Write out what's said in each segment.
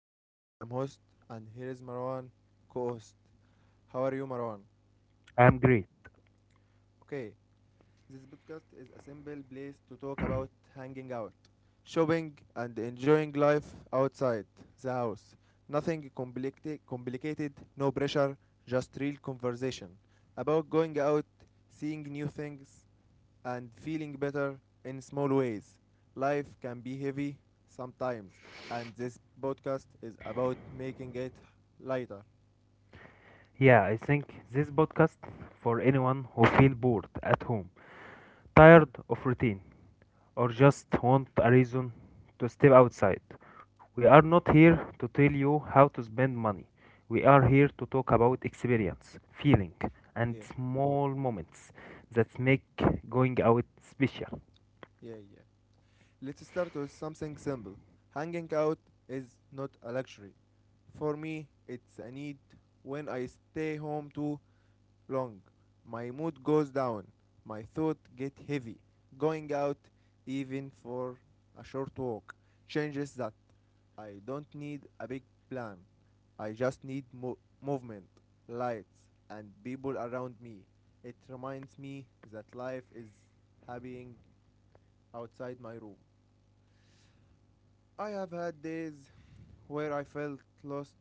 Mu'min, I am host, and here is Marwan, co-host. How are you Marwan? I'm great. Okay, this podcast is a simple place to talk about hanging out, shopping and enjoying life outside the house. Nothing complicated, no pressure, just real conversation about going out, seeing new things, and feeling better in small ways. Life can be heavy sometimes, and this podcast is about making it lighter. Yeah, I think this podcast for anyone who feel bored at home, tired of routine, or just want a reason to step outside. We are not here to tell you how to spend money. We are here to talk about experience, feeling, and Yeah, small moments that make going out special. yeah, yeah. Let's start with something simple. Hanging out is not a luxury. For me, it's a need. When I stay home too long, my mood goes down, my thoughts get heavy. Going out, even for a short walk, changes that. I don't need a big plan. I just need movement, lights, and people around me. It reminds me that life is happening outside my room. I have had days where I felt lost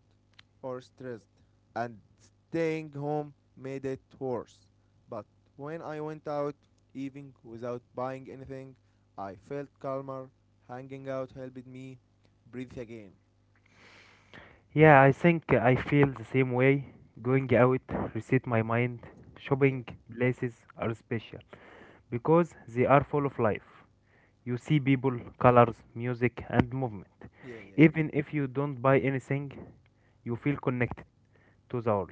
or stressed, and staying home made it worse. But when I went out, even without buying anything, I felt calmer. Hanging out helped me breathe again. Yeah, I think I feel the same way. Going out, reset my mind. Yeah, Shopping places are special. Because they are full of life. You see people, colors, music, and movement. yeah, yeah. Even if you don't buy anything, you feel connected to the world.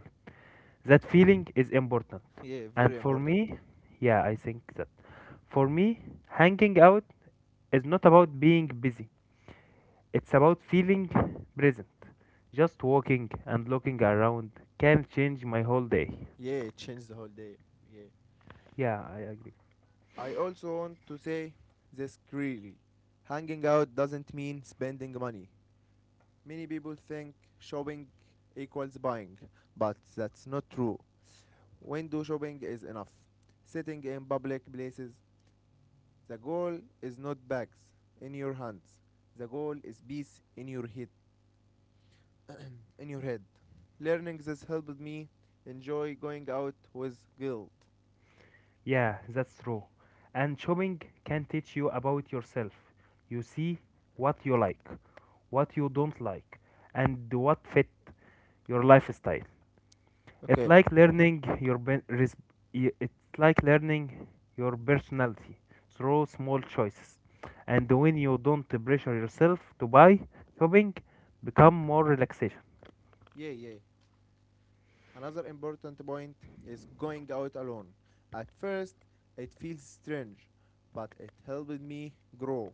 That feeling is important. Yeah, very And for important. me, yeah, I think that. For me, hanging out is not about being busy, it's about feeling present. Just walking and looking around can change my whole day. Yeah, it changed the whole day. Yeah. Yeah, I agree. I also want to say this clearly. Hanging out doesn't mean spending money. Many people think shopping equals buying, but that's not true. Window shopping is enough. Sitting in public places, the goal is not bags in your hands. The goal is peace in your head. In your head. Learning this helped me enjoy going out with guilt. Yeah, that's true. And shopping can teach you about yourself. You see what you like, what you don't like, and what fit your lifestyle. It's Okay. like learning your ben- res- y- it's like learning your personality through small choices. And when you don't pressure yourself to buy, shopping become more relaxation. Yeah, yeah. Another important point is going out alone. At first, it feels strange, but it helped me grow.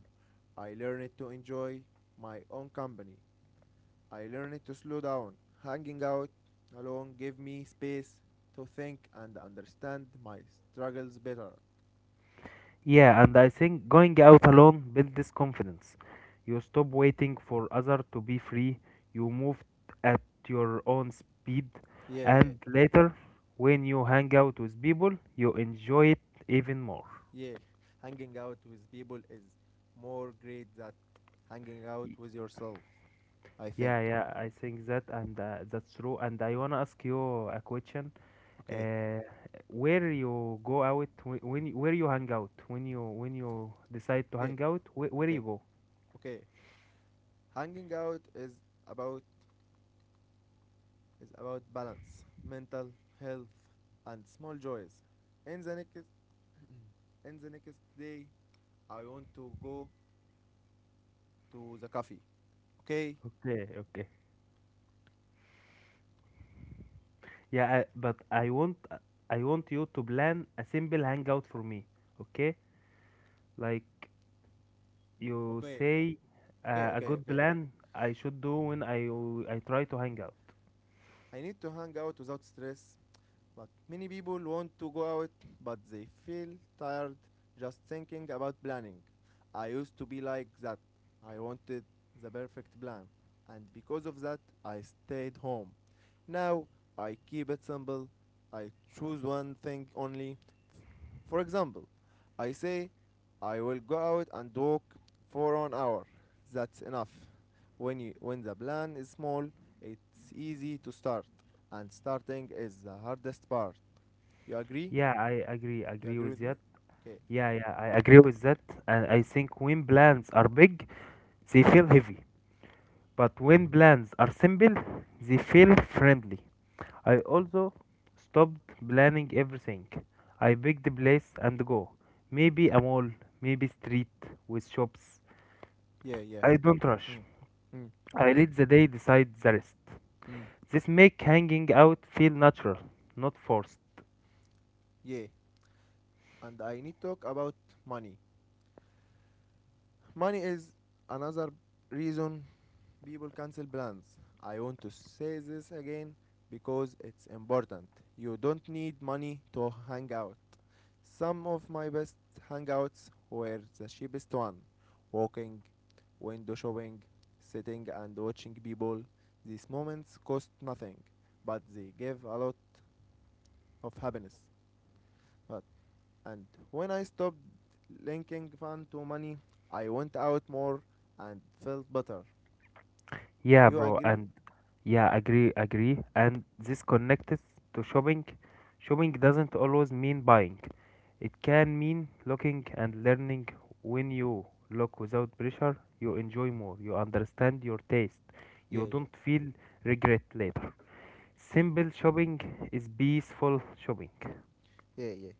I learned to enjoy my own company. I learned to slow down. Hanging out alone gave me space to think and understand my struggles better. Yeah, and I think going out alone builds this confidence. You stop waiting for others to be free, you move at your own speed, Yeah, yeah, and later, when you hang out with people, you enjoy it even more. yeah. Hanging out with people is more great than hanging out Y- with yourself, I think. Yeah, I think that and that's true. And I wanna ask you a question. Okay, Uh, where you go out, where you hang out, when you decide to okay, hang out, where okay, you go? okay. Hanging out is about about balance, mental health, and small joys. In the next in the next day, I want to go to the cafe. Okay, Okay, okay. But I want you to plan a simple hangout for me, okay? Like you okay, say, okay, a okay, good okay. plan I should do when I try to hang out. I need to hang out without stress. But many people want to go out, but they feel tired just thinking about planning. I used to be like that. I wanted the perfect plan, and because of that, I stayed home. Now I keep it simple. I choose one thing only. For example, I say I will go out and walk for an hour. That's enough. When the plan is small, it's easy to start, and starting is the hardest part. You agree? Yeah, I agree, You agree agree with with me? that. Okay. Yeah, yeah, I agree with that. And I think when plans are big, they feel heavy. But when plans are simple, they feel friendly. I also stopped planning everything. I pick the place and go. Maybe a mall, maybe street with shops. Yeah, yeah. I don't rush. Mm. Mm. I let the day decide the rest. Mm. This make hanging out feel natural, not forced. Yeah, and I need to talk about money. Money is another reason people cancel plans. I want to say this again because it's important. You don't need money to hang out. Some of my best hangouts were the cheapest one. Walking, window shopping, sitting and watching people. These moments cost nothing, but they give a lot of happiness. But And when I stopped linking fun to money, I went out more and felt better. Yeah, You bro, agree? and yeah, agree, agree. And this connected to shopping. Shopping doesn't always mean buying. It can mean looking and learning. When you look without pressure, you enjoy more. You understand your taste. Yeah, You yeah, don't feel regret later. Simple shopping is peaceful shopping. yeah, yeah.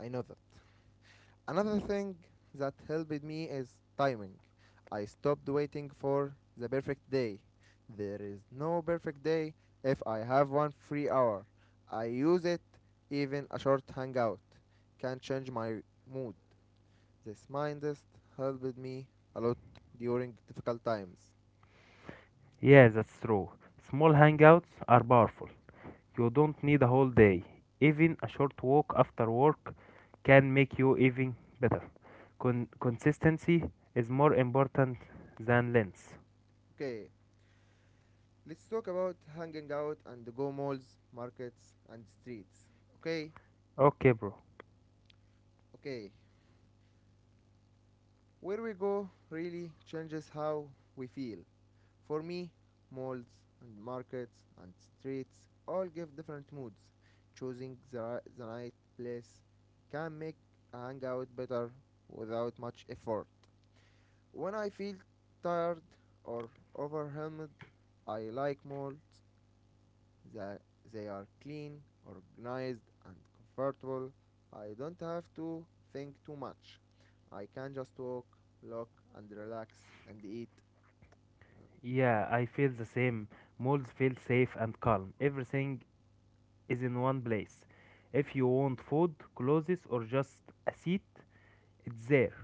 I know that. Another thing that helped me is timing. I stopped waiting for the perfect day. There is no perfect day if I have one free hour. I use it, even a short hangout can change my mood. This mindset helped me a lot during difficult times. Yeah, that's true. Small hangouts are powerful. You don't need a whole day. Even a short walk after work can make you even better. Consistency is more important than length. Okay, let's talk about hanging out and go malls, markets, and streets. Okay, Okay, bro. okay. Where we go really changes how we feel. For me, malls and markets and streets all give different moods. Choosing the right place can make a hangout better without much effort. When I feel tired or overwhelmed, I like malls that they are clean, organized, and comfortable. I don't have to think too much. I can just walk, look, and relax and eat. Um, Yeah, I feel the same. Malls feel safe and calm. Everything is in one place. If you want food, clothes, or just a seat, it's there.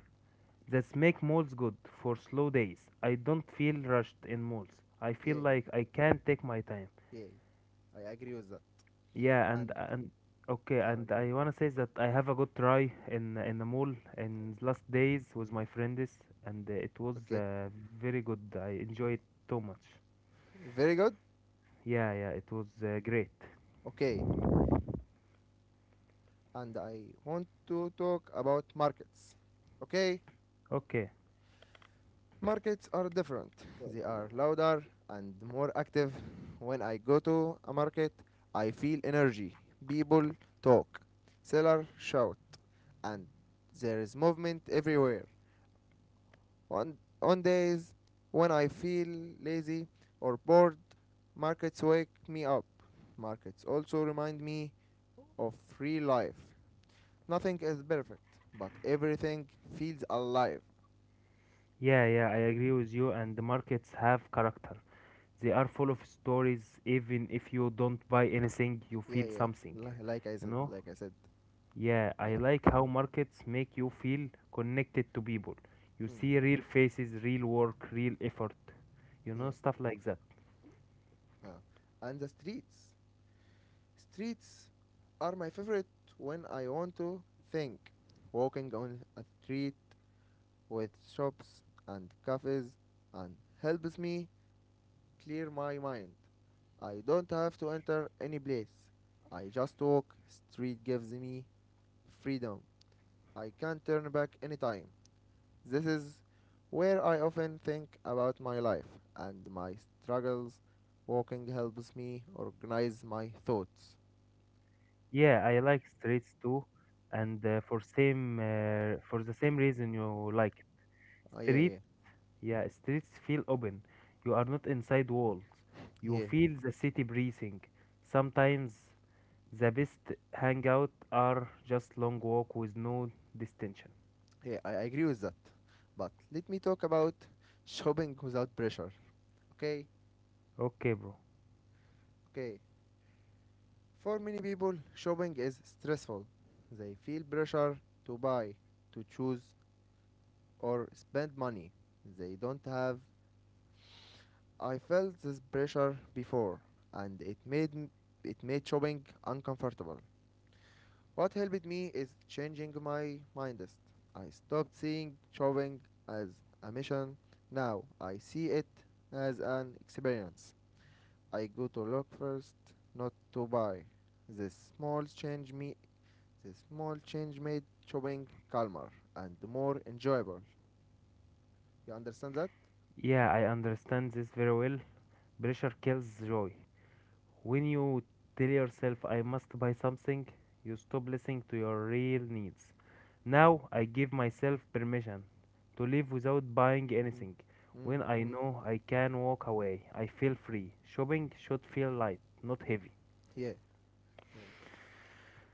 That's make malls good for slow days. I don't feel rushed in malls. I yeah, feel yeah, like I can take my time. yeah, yeah. I agree with that. Yeah, And, and okay, and, and I wanna say that I have a good try in the mall in last days with my friends, and it was okay, very good. I enjoyed it too much. very good. Yeah, yeah, it was great. Okay, and I want to talk about markets. Okay, Okay. markets are different. They are louder and more active. When I go to a market, I feel energy. People talk, sellers shout, and there is movement everywhere. On days when I feel lazy or bored, markets wake me up. Markets also remind me of real life. Nothing is perfect, but everything feels alive. Yeah, yeah, I agree with you. And the markets have character. They are full of stories. Even if you don't buy anything, you Yeah, feel yeah. something. Like I You said, know? like I said. Yeah, I Yeah. like how markets make you feel connected to people. You Mm. see real faces, real work, real effort. You know, Yeah. stuff like that. Ah. And the streets. Streets are my favorite when I want to think. Walking on a street with shops and cafes and helps me clear my mind. I don't have to enter any place. I just walk. Street gives me freedom. I can turn back anytime. This is where I often think about my life and my struggles. Walking helps me organize my thoughts. Yeah, I like streets too, and for the same reason you like it. Yeah, Street, yeah, yeah, streets feel open. You are not inside walls. You yeah, feel the city breathing. Sometimes the best hangout are just long walk with no distinction. yeah. I agree with that. But let me talk about shopping without pressure. Okay, Okay, bro. okay. For many people, shopping is stressful. They feel pressure to buy, to choose, or spend money. They don't have. I felt this pressure before, and it made shopping uncomfortable. What helped me is changing my mindset. I stopped seeing drawing as a mission. Now I see it as an experience. I go to look first, not to buy. The small change me the small change made drawing calmer and more enjoyable. You understand that? Yeah, I understand this very well. Pressure kills joy. When you tell yourself, I must buy something, you stop listening to your real needs. Now I give myself permission to live without buying Mm. anything. Mm, When I mm. know I can walk away, I feel free. Shopping should feel light, not heavy. Yeah, yeah.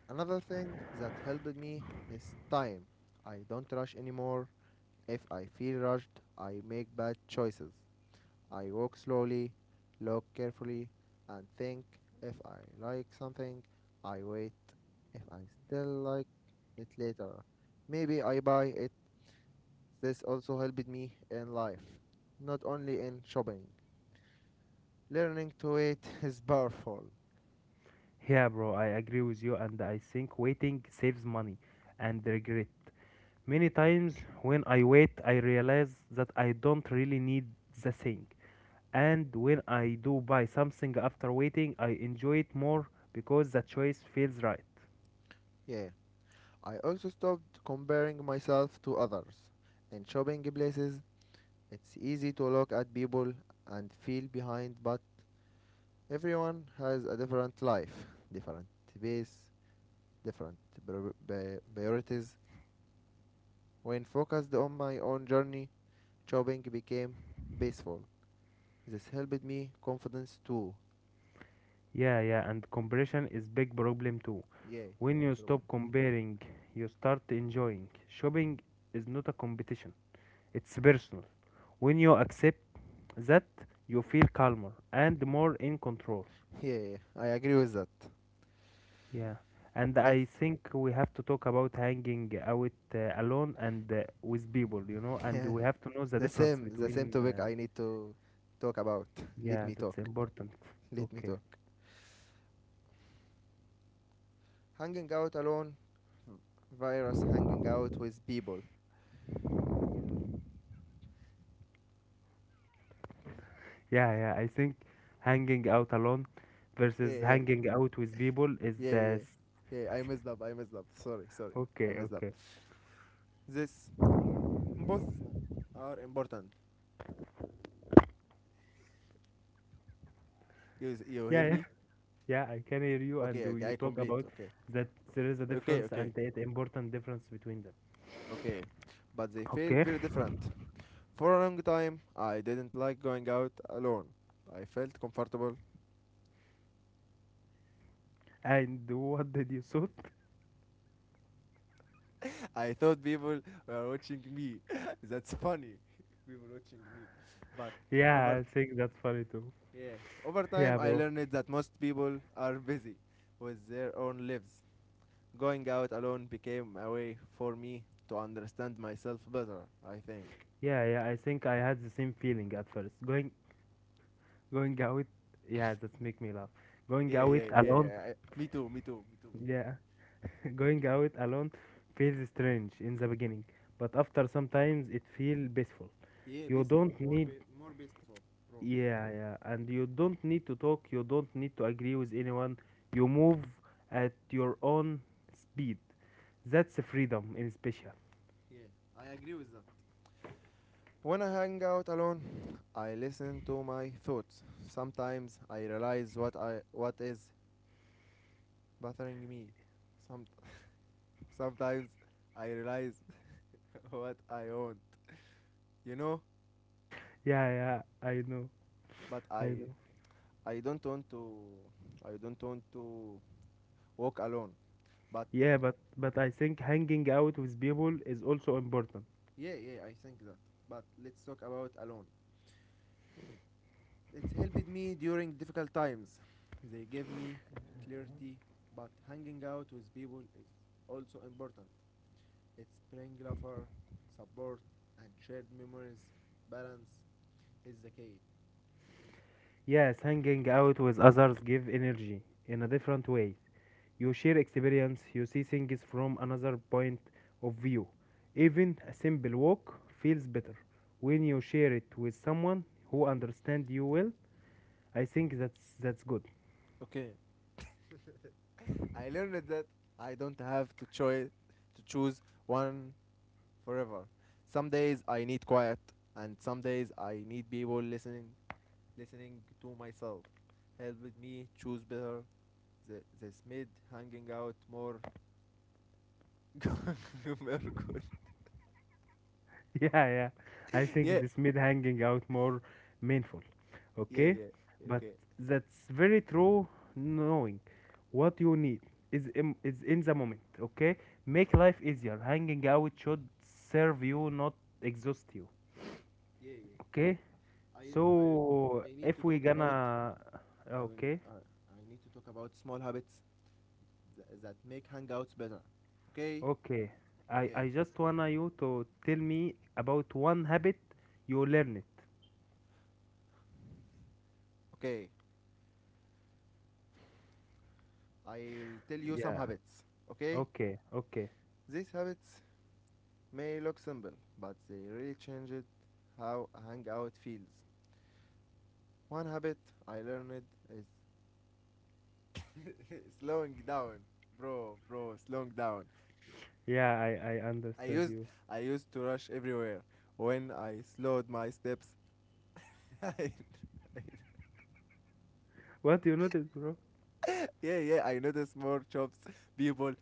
Another thing that helped me is time. I don't rush anymore. If I feel rushed, I make bad choices. I walk slowly, look carefully, and think if I like something, I wait. If I still like it later, maybe I buy it. This also helped me in life, not only in shopping. Learning to wait is powerful. Yeah, bro, I agree with you, and I think waiting saves money and regret. Many times when I wait, I realize that I don't really need the thing. And when I do buy something after waiting, I enjoy it more because the choice feels right. Yeah. I also stopped comparing myself to others. In shopping places, it's easy to look at people and feel behind, but everyone has a different life, different pace, different priorities. When focused on my own journey, shopping became peaceful. This helped me confidence too. Yeah, yeah, and comparison is big problem too. Yeah, When big you problem. stop comparing, you start enjoying. Shopping is not a competition. It's personal. When you accept that, you feel calmer and more in control. Yeah, yeah, yeah. I agree with that. Yeah. And I Let's think we have to talk about hanging out alone and with people, you know, and yeah, we have to know the the difference same the same between topic uh, I need to talk about. Let Yeah, me that's talk. important. Let me Okay. talk. Hanging out alone virus hanging out with people. Yeah, yeah. I think hanging out alone Yeah, versus yeah, hanging out with people is yeah, yeah. Yeah, I messed up. Sorry, sorry. I okay, messed up. okay. This both are important. You Yeah, hear yeah, me? yeah. I can hear you, and Okay, okay, you I talk complete. about Okay, that there is a okay, difference okay, and an important difference between them. okay. But they feel Okay. very different. For a long time, I didn't like going out alone. I felt comfortable. And what did you thought? I thought people were watching me. That's funny. People watching me. But Yeah, over I think that's funny too. yeah, over Yeah, time, I bro. learned that most people are busy with their own lives. Going out alone became a way for me to understand myself better. I think. Yeah, yeah. I think I had the same feeling at first. Going out. Yeah, that make me laugh. Going Yeah, out yeah, yeah, alone. yeah. I- Me too, me too, me too. Yeah. Going out alone feels strange in the beginning, but after sometimes it feels peaceful. Yeah, You peaceful. don't need More peaceful, bro. yeah, yeah, and you don't need to talk, you don't need to agree with anyone. You move at your own speed. That's freedom in special. Yeah, I agree with that. When I hang out alone, I listen to my thoughts. Sometimes I realize what is bothering me. Some Sometimes I realize what I want, you know. Yeah, yeah, I know. But I know. I don't want to I don't want to walk alone. But But I think hanging out with people is also important. yeah, yeah, I think that. But let's talk about alone. It helped me during difficult times. They gave me clarity, but hanging out with people is also important. It's bring laughter, support, and shared memories. Balance is the key. Yes, hanging out with others give energy in a different way. You share experience, you see things from another point of view. Even a simple walk feels better when you share it with someone who understands you well. I think that's good. Okay, I learned that I don't have to choose one forever. Some days I need quiet, and some days I need people listening to myself. Helped me choose better. This made hanging out more very good. yeah, yeah. I think Yeah, this made hanging out more meaningful. yeah, Okay, yeah. Yeah, but okay. that's very true. Knowing what you need is in the moment. Okay, make life easier. Hanging out should serve you, not exhaust you. Yeah, yeah. Okay. I So I need to if we talk about gonna I will okay, I need to talk about small habits that make hangouts better. Okay? okay. I Okay. I just wanna you to tell me about one habit you learn it. Okay. I'll tell you some Yeah. habits. Okay? Okay. Okay. These habits may look simple, but they really change it how a hangout feels. One habit I learned is slowing down. Bro, bro, slowing down. Yeah, I I understand used you. I used to rush everywhere. When I slowed my steps, I, What you noticed, bro? I- yeah, yeah, I noticed more shops, people,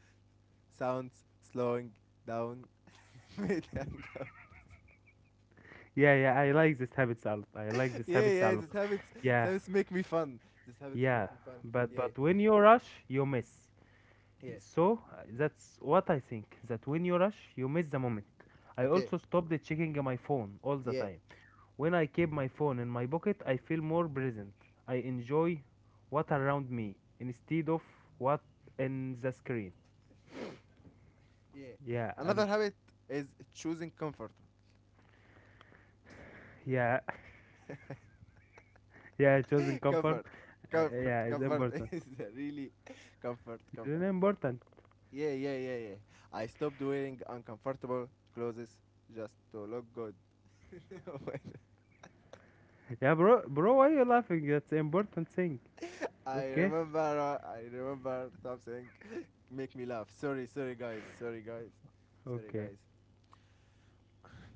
sounds slowing down. Made I go. Yeah, yeah. I like this yeah, habits a yeah, lot. these habits, these Yeah. habits make me fun. These habits make Yeah. me fun. Yeah, But when you rush, you miss. yeah. So that's what I think. That when you rush, you miss the moment. I Okay. also stopped checking my phone all the Yeah, time. When I keep my phone in my pocket, I feel more present. I enjoy what around me instead of what in the screen. yeah. Yeah, and Another habit is choosing comfort. yeah, yeah, choosing comfort. comfort, Yeah, it's Comfort important. is really It's really comfort. important. Yeah, yeah, yeah, yeah. I stopped wearing uncomfortable clothes just to look good. When Yeah, bro, why you laughing? That's important thing. Okay, I remember something make me laugh. Sorry, sorry guys, sorry guys, sorry okay, guys.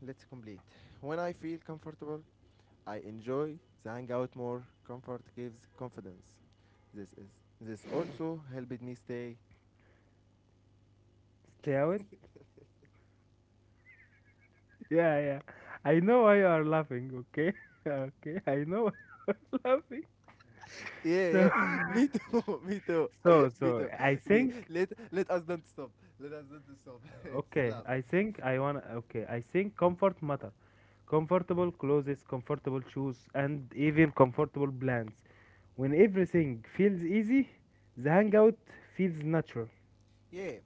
Let's complete. When I feel comfortable, I enjoy the hangout more. Comfort gives confidence. This is this also helped me stay. stay out. Yeah, yeah, I know why you are laughing. Okay, okay, I know why you're laughing. Yeah, So, yeah. Me too. Me too. Me so, too. I think Let let us not stop. Let us not stop. It's Okay, love. I think I want. Okay, I think comfort matter. Comfortable clothes, comfortable shoes, and even comfortable plans. When everything feels easy, the hangout feels natural. Yeah,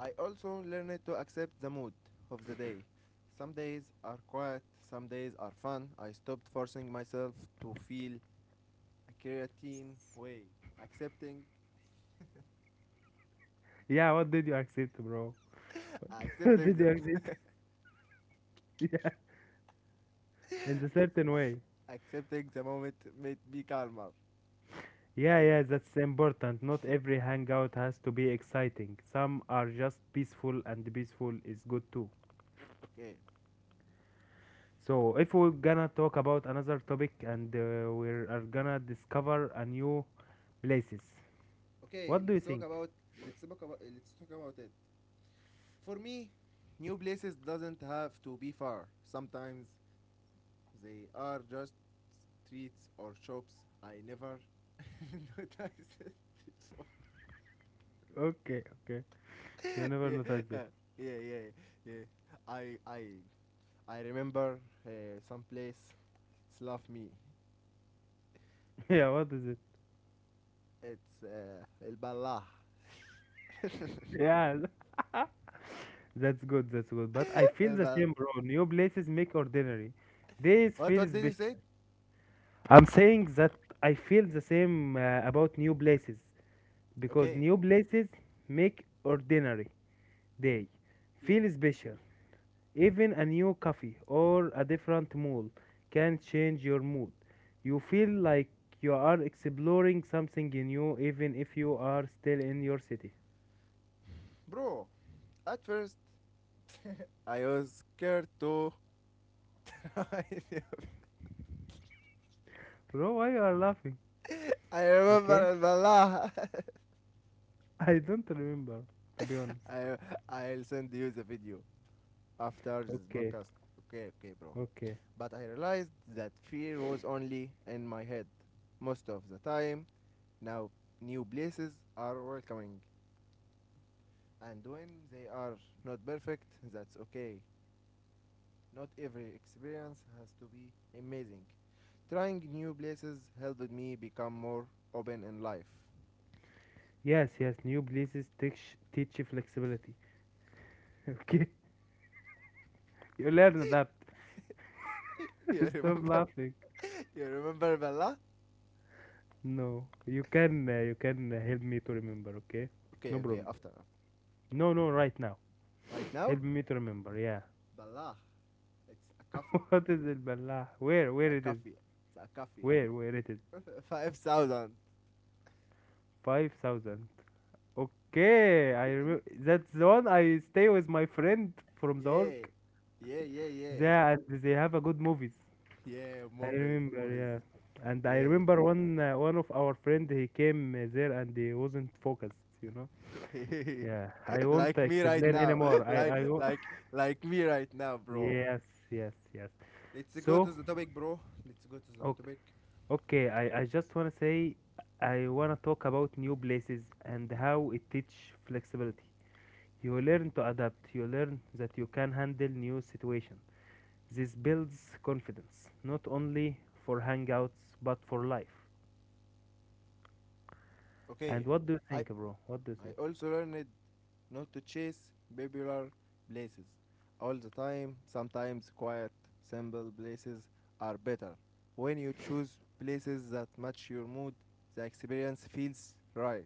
I also learned to accept the mood of the day. Some days are quiet, some days are fun. I stopped forcing myself to feel a creatine way. Accepting, Yeah, what did you accept, bro? What accepting did you accept? Yeah, in a certain ac- way. accepting the moment made me calmer. Yeah, Yeah. yeah, that's important. Not every hangout has to be exciting. Some are just peaceful, and peaceful is good too. Okay. So if we're gonna talk about another topic and we are gonna discover a new places, Okay. what do you Let's talk think? about. Let's talk about it. For me, new places doesn't have to be far. Sometimes they are just streets or shops. I never noticed it before. Okay, okay. You never yeah, noticed that. yeah, yeah, yeah, yeah. I, I, I remember some place. It's love me. yeah, what is it? It's El Balah. Yeah, that's good, that's good. But I feel El the Bal- same, bro. New places make ordinary. Days what? feel What did you say? special. I'm saying that I feel the same about new places because Okay. new places make ordinary day Yeah, feel special. Even a new coffee or a different mall can change your mood. You feel like you are exploring something new even if you are still in your city. bro. At first, I was scared to try. Bro, why you are laughing? I remember Okay? El Balah. I don't remember, to be honest. I, I'll send you the video after this Okay, podcast. Okay, okay, bro. okay. But I realized that fear was only in my head most of the time. Now, new places are welcoming, and when they are not perfect, that's okay. Not every experience has to be amazing. Trying new places helped me become more open in life. Yes, yes, new places teach you flexibility. Okay? You learn adapt. You Stop remember? laughing. You remember Bella? No, you can help me to remember, okay? Okay, No okay, problem. after. No, no, right now. Right now? Help me to remember, yeah. Bella. It's a coffee. What is it, Ballah? It's a Where it is? coffee. It's a coffee. Where it is? 5,000. 5,000. Okay, I remember. That's the one I stay with my friend from the Yeah. work. Yeah, yeah, yeah. Yeah, and they have a good movies. Yeah, I movies, remember, movies. yeah. And I Yeah, remember one of our friend he came there and he wasn't focused, you know. yeah. Yeah, I won't Like me right explain now. anymore. Like I won't. like like me right now, bro. Yes, yes, yes. Let's go to So, the topic, bro. Let's go to the topic. Okay, I just want to say I want to talk about new places and how it teach flexibility. You learn to adapt, you learn that you can handle new situation. This builds confidence, not only for hangouts but for life. And Okay. what do you I think, bro? What do you I think? also learned not to chase popular places all the time. Sometimes quiet, simple places are better. When you choose places that match your mood, the experience feels right.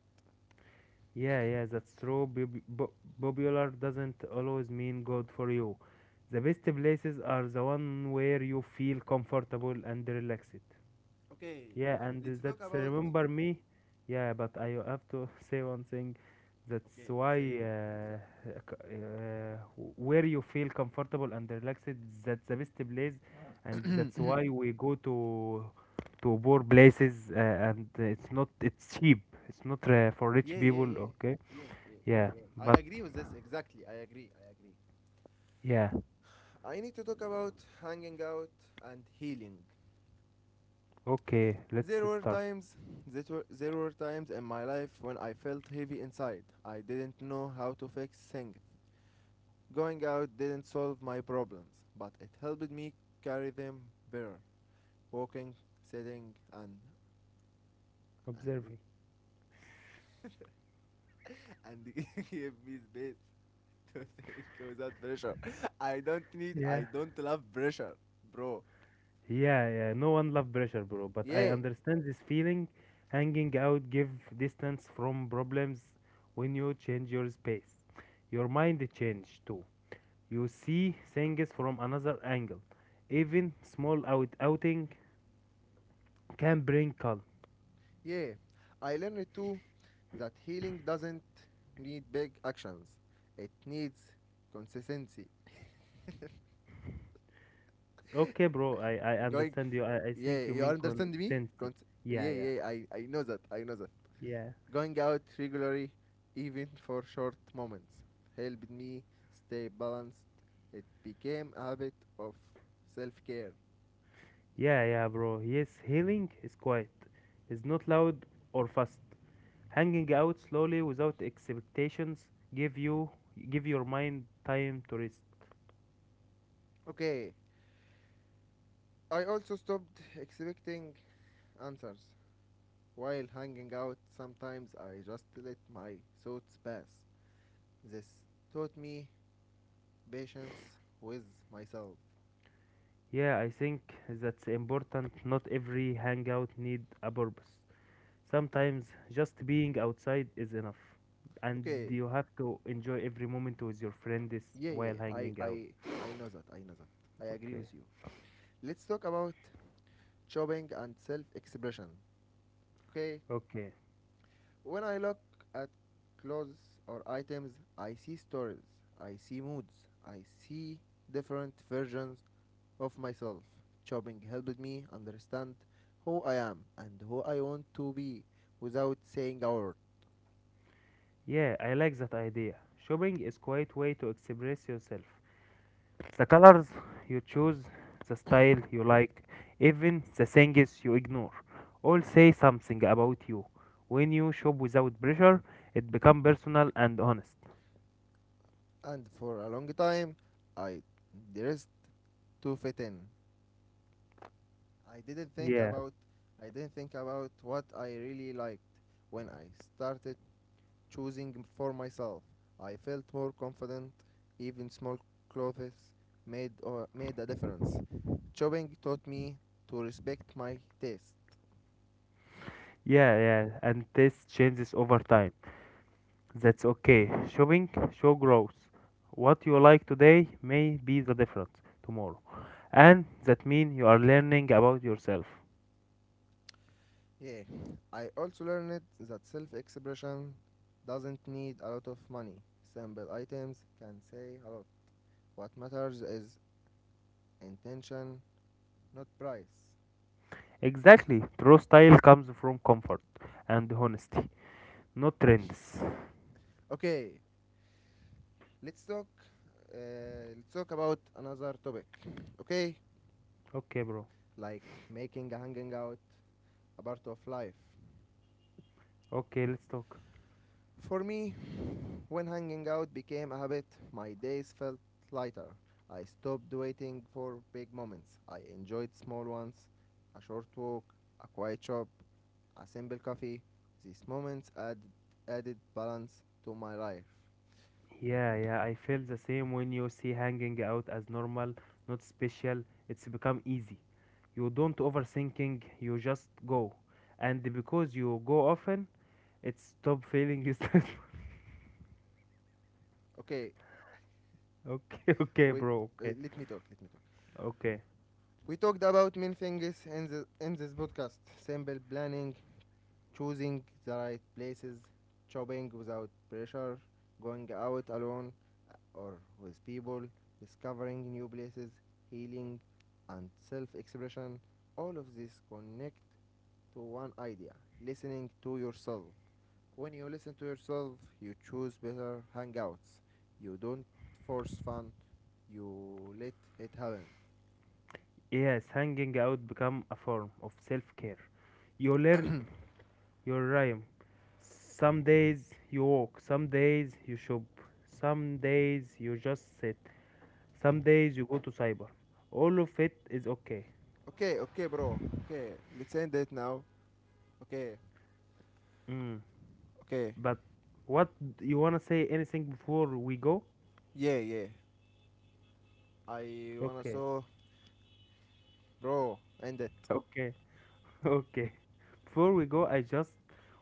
Yeah, yeah, that's true. Popular doesn't always mean good for you. The best places are the one where you feel comfortable and relaxed. Okay, Yeah, and let's talk that's about. remember me. Yeah, but I have to say one thing. That's Okay, why say it. uh, uh, Sorry. c- uh, where you feel comfortable and relaxed, that's the best place, and that's why we go to poor places, and it's cheap. It's not for rich Yeah, yeah, people. yeah, Okay. yeah, yeah, Yeah, yeah. I but agree with this exactly. I agree. yeah. I need to talk about hanging out and healing. Okay, let's There were start times there were times in my life when I felt heavy inside. I didn't know how to fix things. Going out didn't solve my problems, but it helped me carry them better. Walking, sitting, and observing. and give me space to think without pressure. I don't need. Yeah. I don't love pressure, bro. Yeah, yeah, no one love pressure, bro. But I Yeah. understand this feeling. Hanging out give distance from problems when you change your space. Your mind change too. You see things from another angle. Even small outing can bring calm. Yeah, I learned too that healing doesn't need big actions. It needs consistency. Okay, bro. I Going, understand you. I yeah, think you you mean understand me? consistency. Yeah, Yeah, yeah, yeah, I know that, yeah, Going out regularly, even for short moments, helped me stay balanced. It became a habit of self care. yeah, yeah, bro. Yes, healing is quiet. It's not loud or fast. Hanging out slowly without expectations give you give your mind time to rest. Okay, I also stopped expecting answers. While hanging out, sometimes I just let my thoughts pass. This taught me patience with myself. Yeah, I think that's important. Not every hangout need a purpose. Sometimes just being outside is enough. And Okay, you have to enjoy every moment with your friends yeah, yeah, while hanging out. I know that, I agree Okay. with you. Let's talk about shopping and self expression. Okay. Okay. When I look at clothes or items, I see stories, I see moods, I see different versions of myself. Shopping helped me understand who I am and who I want to be without saying a word. Yeah, I like that idea. Shopping is quite way to express yourself. The colors you choose, the style you like, even the things you ignore, all say something about you. When you shop without pressure, it becomes personal and honest. And for a long time, I dressed to fit in. I didn't think Yeah, about I didn't think about what I really liked. When I started choosing for myself, I felt more confident. Even small clothes made a difference. Shopping taught me to respect my taste. yeah, yeah, and taste changes over time. That's okay. Shopping show growth. What you like today may be the difference tomorrow, and that means you are learning about yourself. Yeah, I also learned that self-expression doesn't need a lot of money. Simple items can say a lot. What matters is intention, not price. Exactly, true style comes from comfort and honesty, not trends. Okay, let's talk. Let's talk about another topic. Okay, Okay, bro. like making a hanging out a part of life. Okay, let's talk. For me, when hanging out became a habit, my days felt lighter. I stopped waiting for big moments. I enjoyed small ones, a short walk, a quiet shop, a simple coffee. These moments add, added balance to my life. Yeah, yeah, I feel the same when you see hanging out as normal, not special. It's become easy. You don't overthinking, you just go. And because you go often, it stop feeling stressful. Okay, Okay, okay, wait, bro. Okay, let me talk. okay. We talked about many things in, in this podcast, simple planning, choosing the right places, shopping without pressure, going out alone, uh, or with people, discovering new places, healing, and self expression. All of this connect to one idea, listening to yourself. When you listen to yourself, you choose better hangouts. You don't force fun, you let it happen. Yes, hanging out become a form of self-care. You learn your rhyme. Some days you walk, some days you shop, some days you just sit. Some days you go to cyber. All of it is okay. Okay, okay, bro. Okay, let's end it now. Okay, Mm. okay. But what you wanna say anything before we go? Yeah, yeah. I wanna Okay, so bro end it. okay, okay. Before we go, I just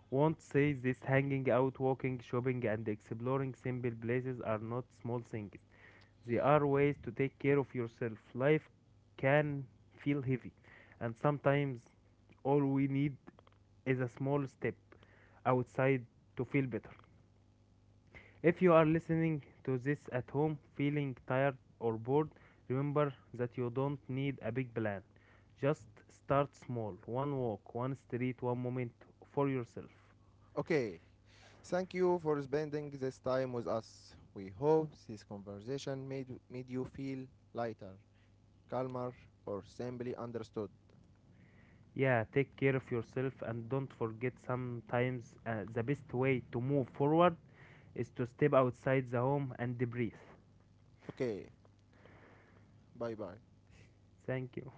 want to say this: hanging out, walking, shopping, and exploring simple places are not small things. They are ways to take care of yourself. Life can feel heavy, and sometimes all we need is a small step outside to feel better. If you are listening to this at home feeling tired or bored, remember that you don't need a big plan. Just start small. One walk, one street, one moment for yourself. Okay. Thank you for spending this time with us. We hope this conversation made you feel lighter, calmer, or simply understood. Yeah, take care of yourself and don't forget sometimes the best way to move forward is to step outside the home and breathe. Okay. Bye bye. Thank you.